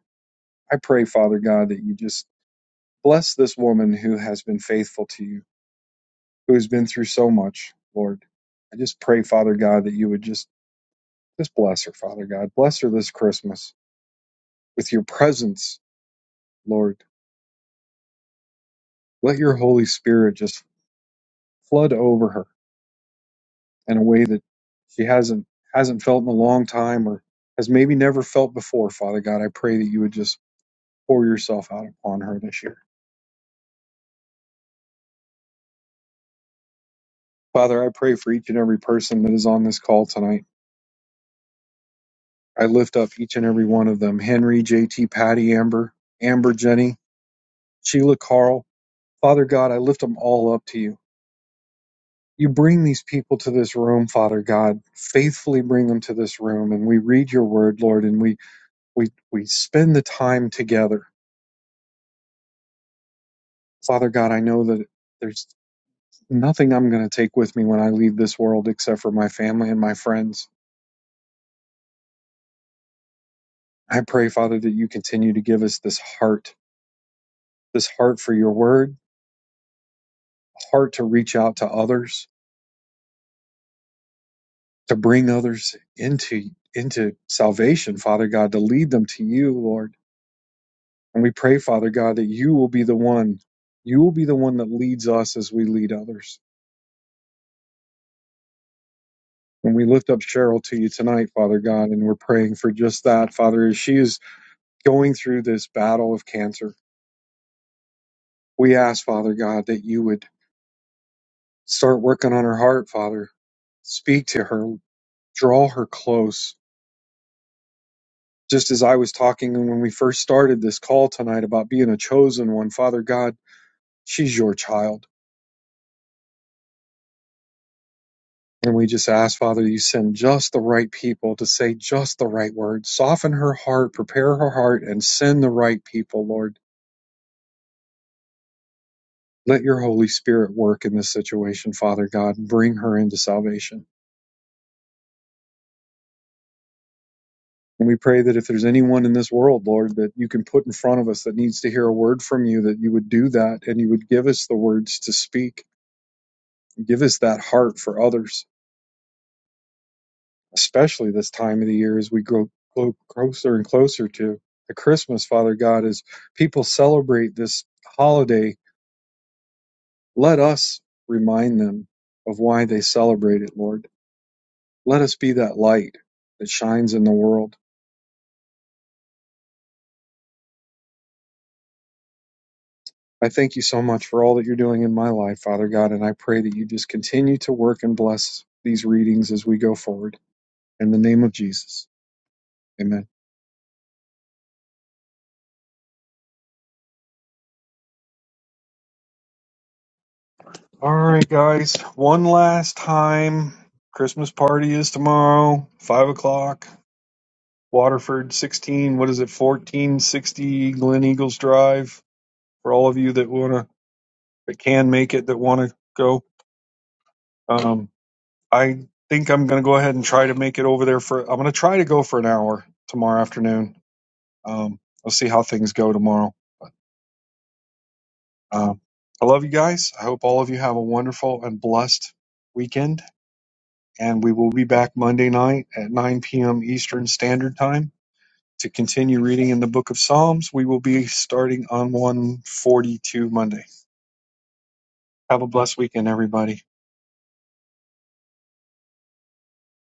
Speaker 1: I pray, Father God, that you just bless this woman who has been faithful to you, who has been through so much, Lord. I just pray, Father God, that you would just just bless her, Father God. Bless her this Christmas with your presence, Lord. Let your Holy Spirit just flood over her in a way that she hasn't hasn't felt in a long time or has maybe never felt before, Father God. I pray that you would just pour yourself out upon her this year. Father, I pray for each and every person that is on this call tonight. I lift up each and every one of them Henry, JT, Patty, Amber, Amber, Jenny, Sheila, Carl. Father God, I lift them all up to you. You bring these people to this room, Father God. Faithfully bring them to this room, and we read your word, Lord, and we we we spend the time together. Father God, I know that there's nothing I'm going to take with me when I leave this world except for my family and my friends. I pray, Father, that you continue to give us this heart, this heart for your word, a heart to reach out to others, to bring others into into salvation, Father God, to lead them to you, Lord. And we pray, Father God, that you will be the one, you will be the one that leads us as we lead others. And we lift up Cheryl to you tonight, Father God, and we're praying for just that, Father, as she is going through this battle of cancer. We ask, Father God, that you would start working on her heart, Father. Speak to her, draw her close. Just as I was talking when we first started this call tonight about being a chosen one, Father God, She's your child. And we just ask, Father, you send just the right people to say just the right words. Soften her heart, prepare her heart, and send the right people, Lord. Let your Holy Spirit work in this situation, Father God. Bring her into salvation. And we pray that if there's anyone in this world, Lord, that you can put in front of us that needs to hear a word from you, that you would do that and you would give us the words to speak. Give us that heart for others especially this time of the year as we grow, grow closer and closer to the Christmas, Father God, as people celebrate this holiday, let us remind them of why they celebrate it, Lord. Let us be that light that shines in the world. I thank you so much for all that you're doing in my life, Father God, and I pray that you just continue to work and bless these readings as we go forward. In the name of Jesus, amen. All right, guys. One last time. Christmas party is tomorrow, five o'clock. Waterford, sixteen. What is it? Fourteen sixty Glen Eagles Drive. For all of you that wanna, that can make it, that wanna go. Um, I think I'm gonna go ahead and try to make it over there for. I'm gonna try to go for an hour tomorrow afternoon. Um, I'll see how things go tomorrow. Um, I love you guys. I hope all of you have a wonderful and blessed weekend and we will be back Monday night at 9 p.m. Eastern Standard Time to continue reading in the book of Psalms. We will be starting on 142 Monday. Have a blessed weekend, everybody.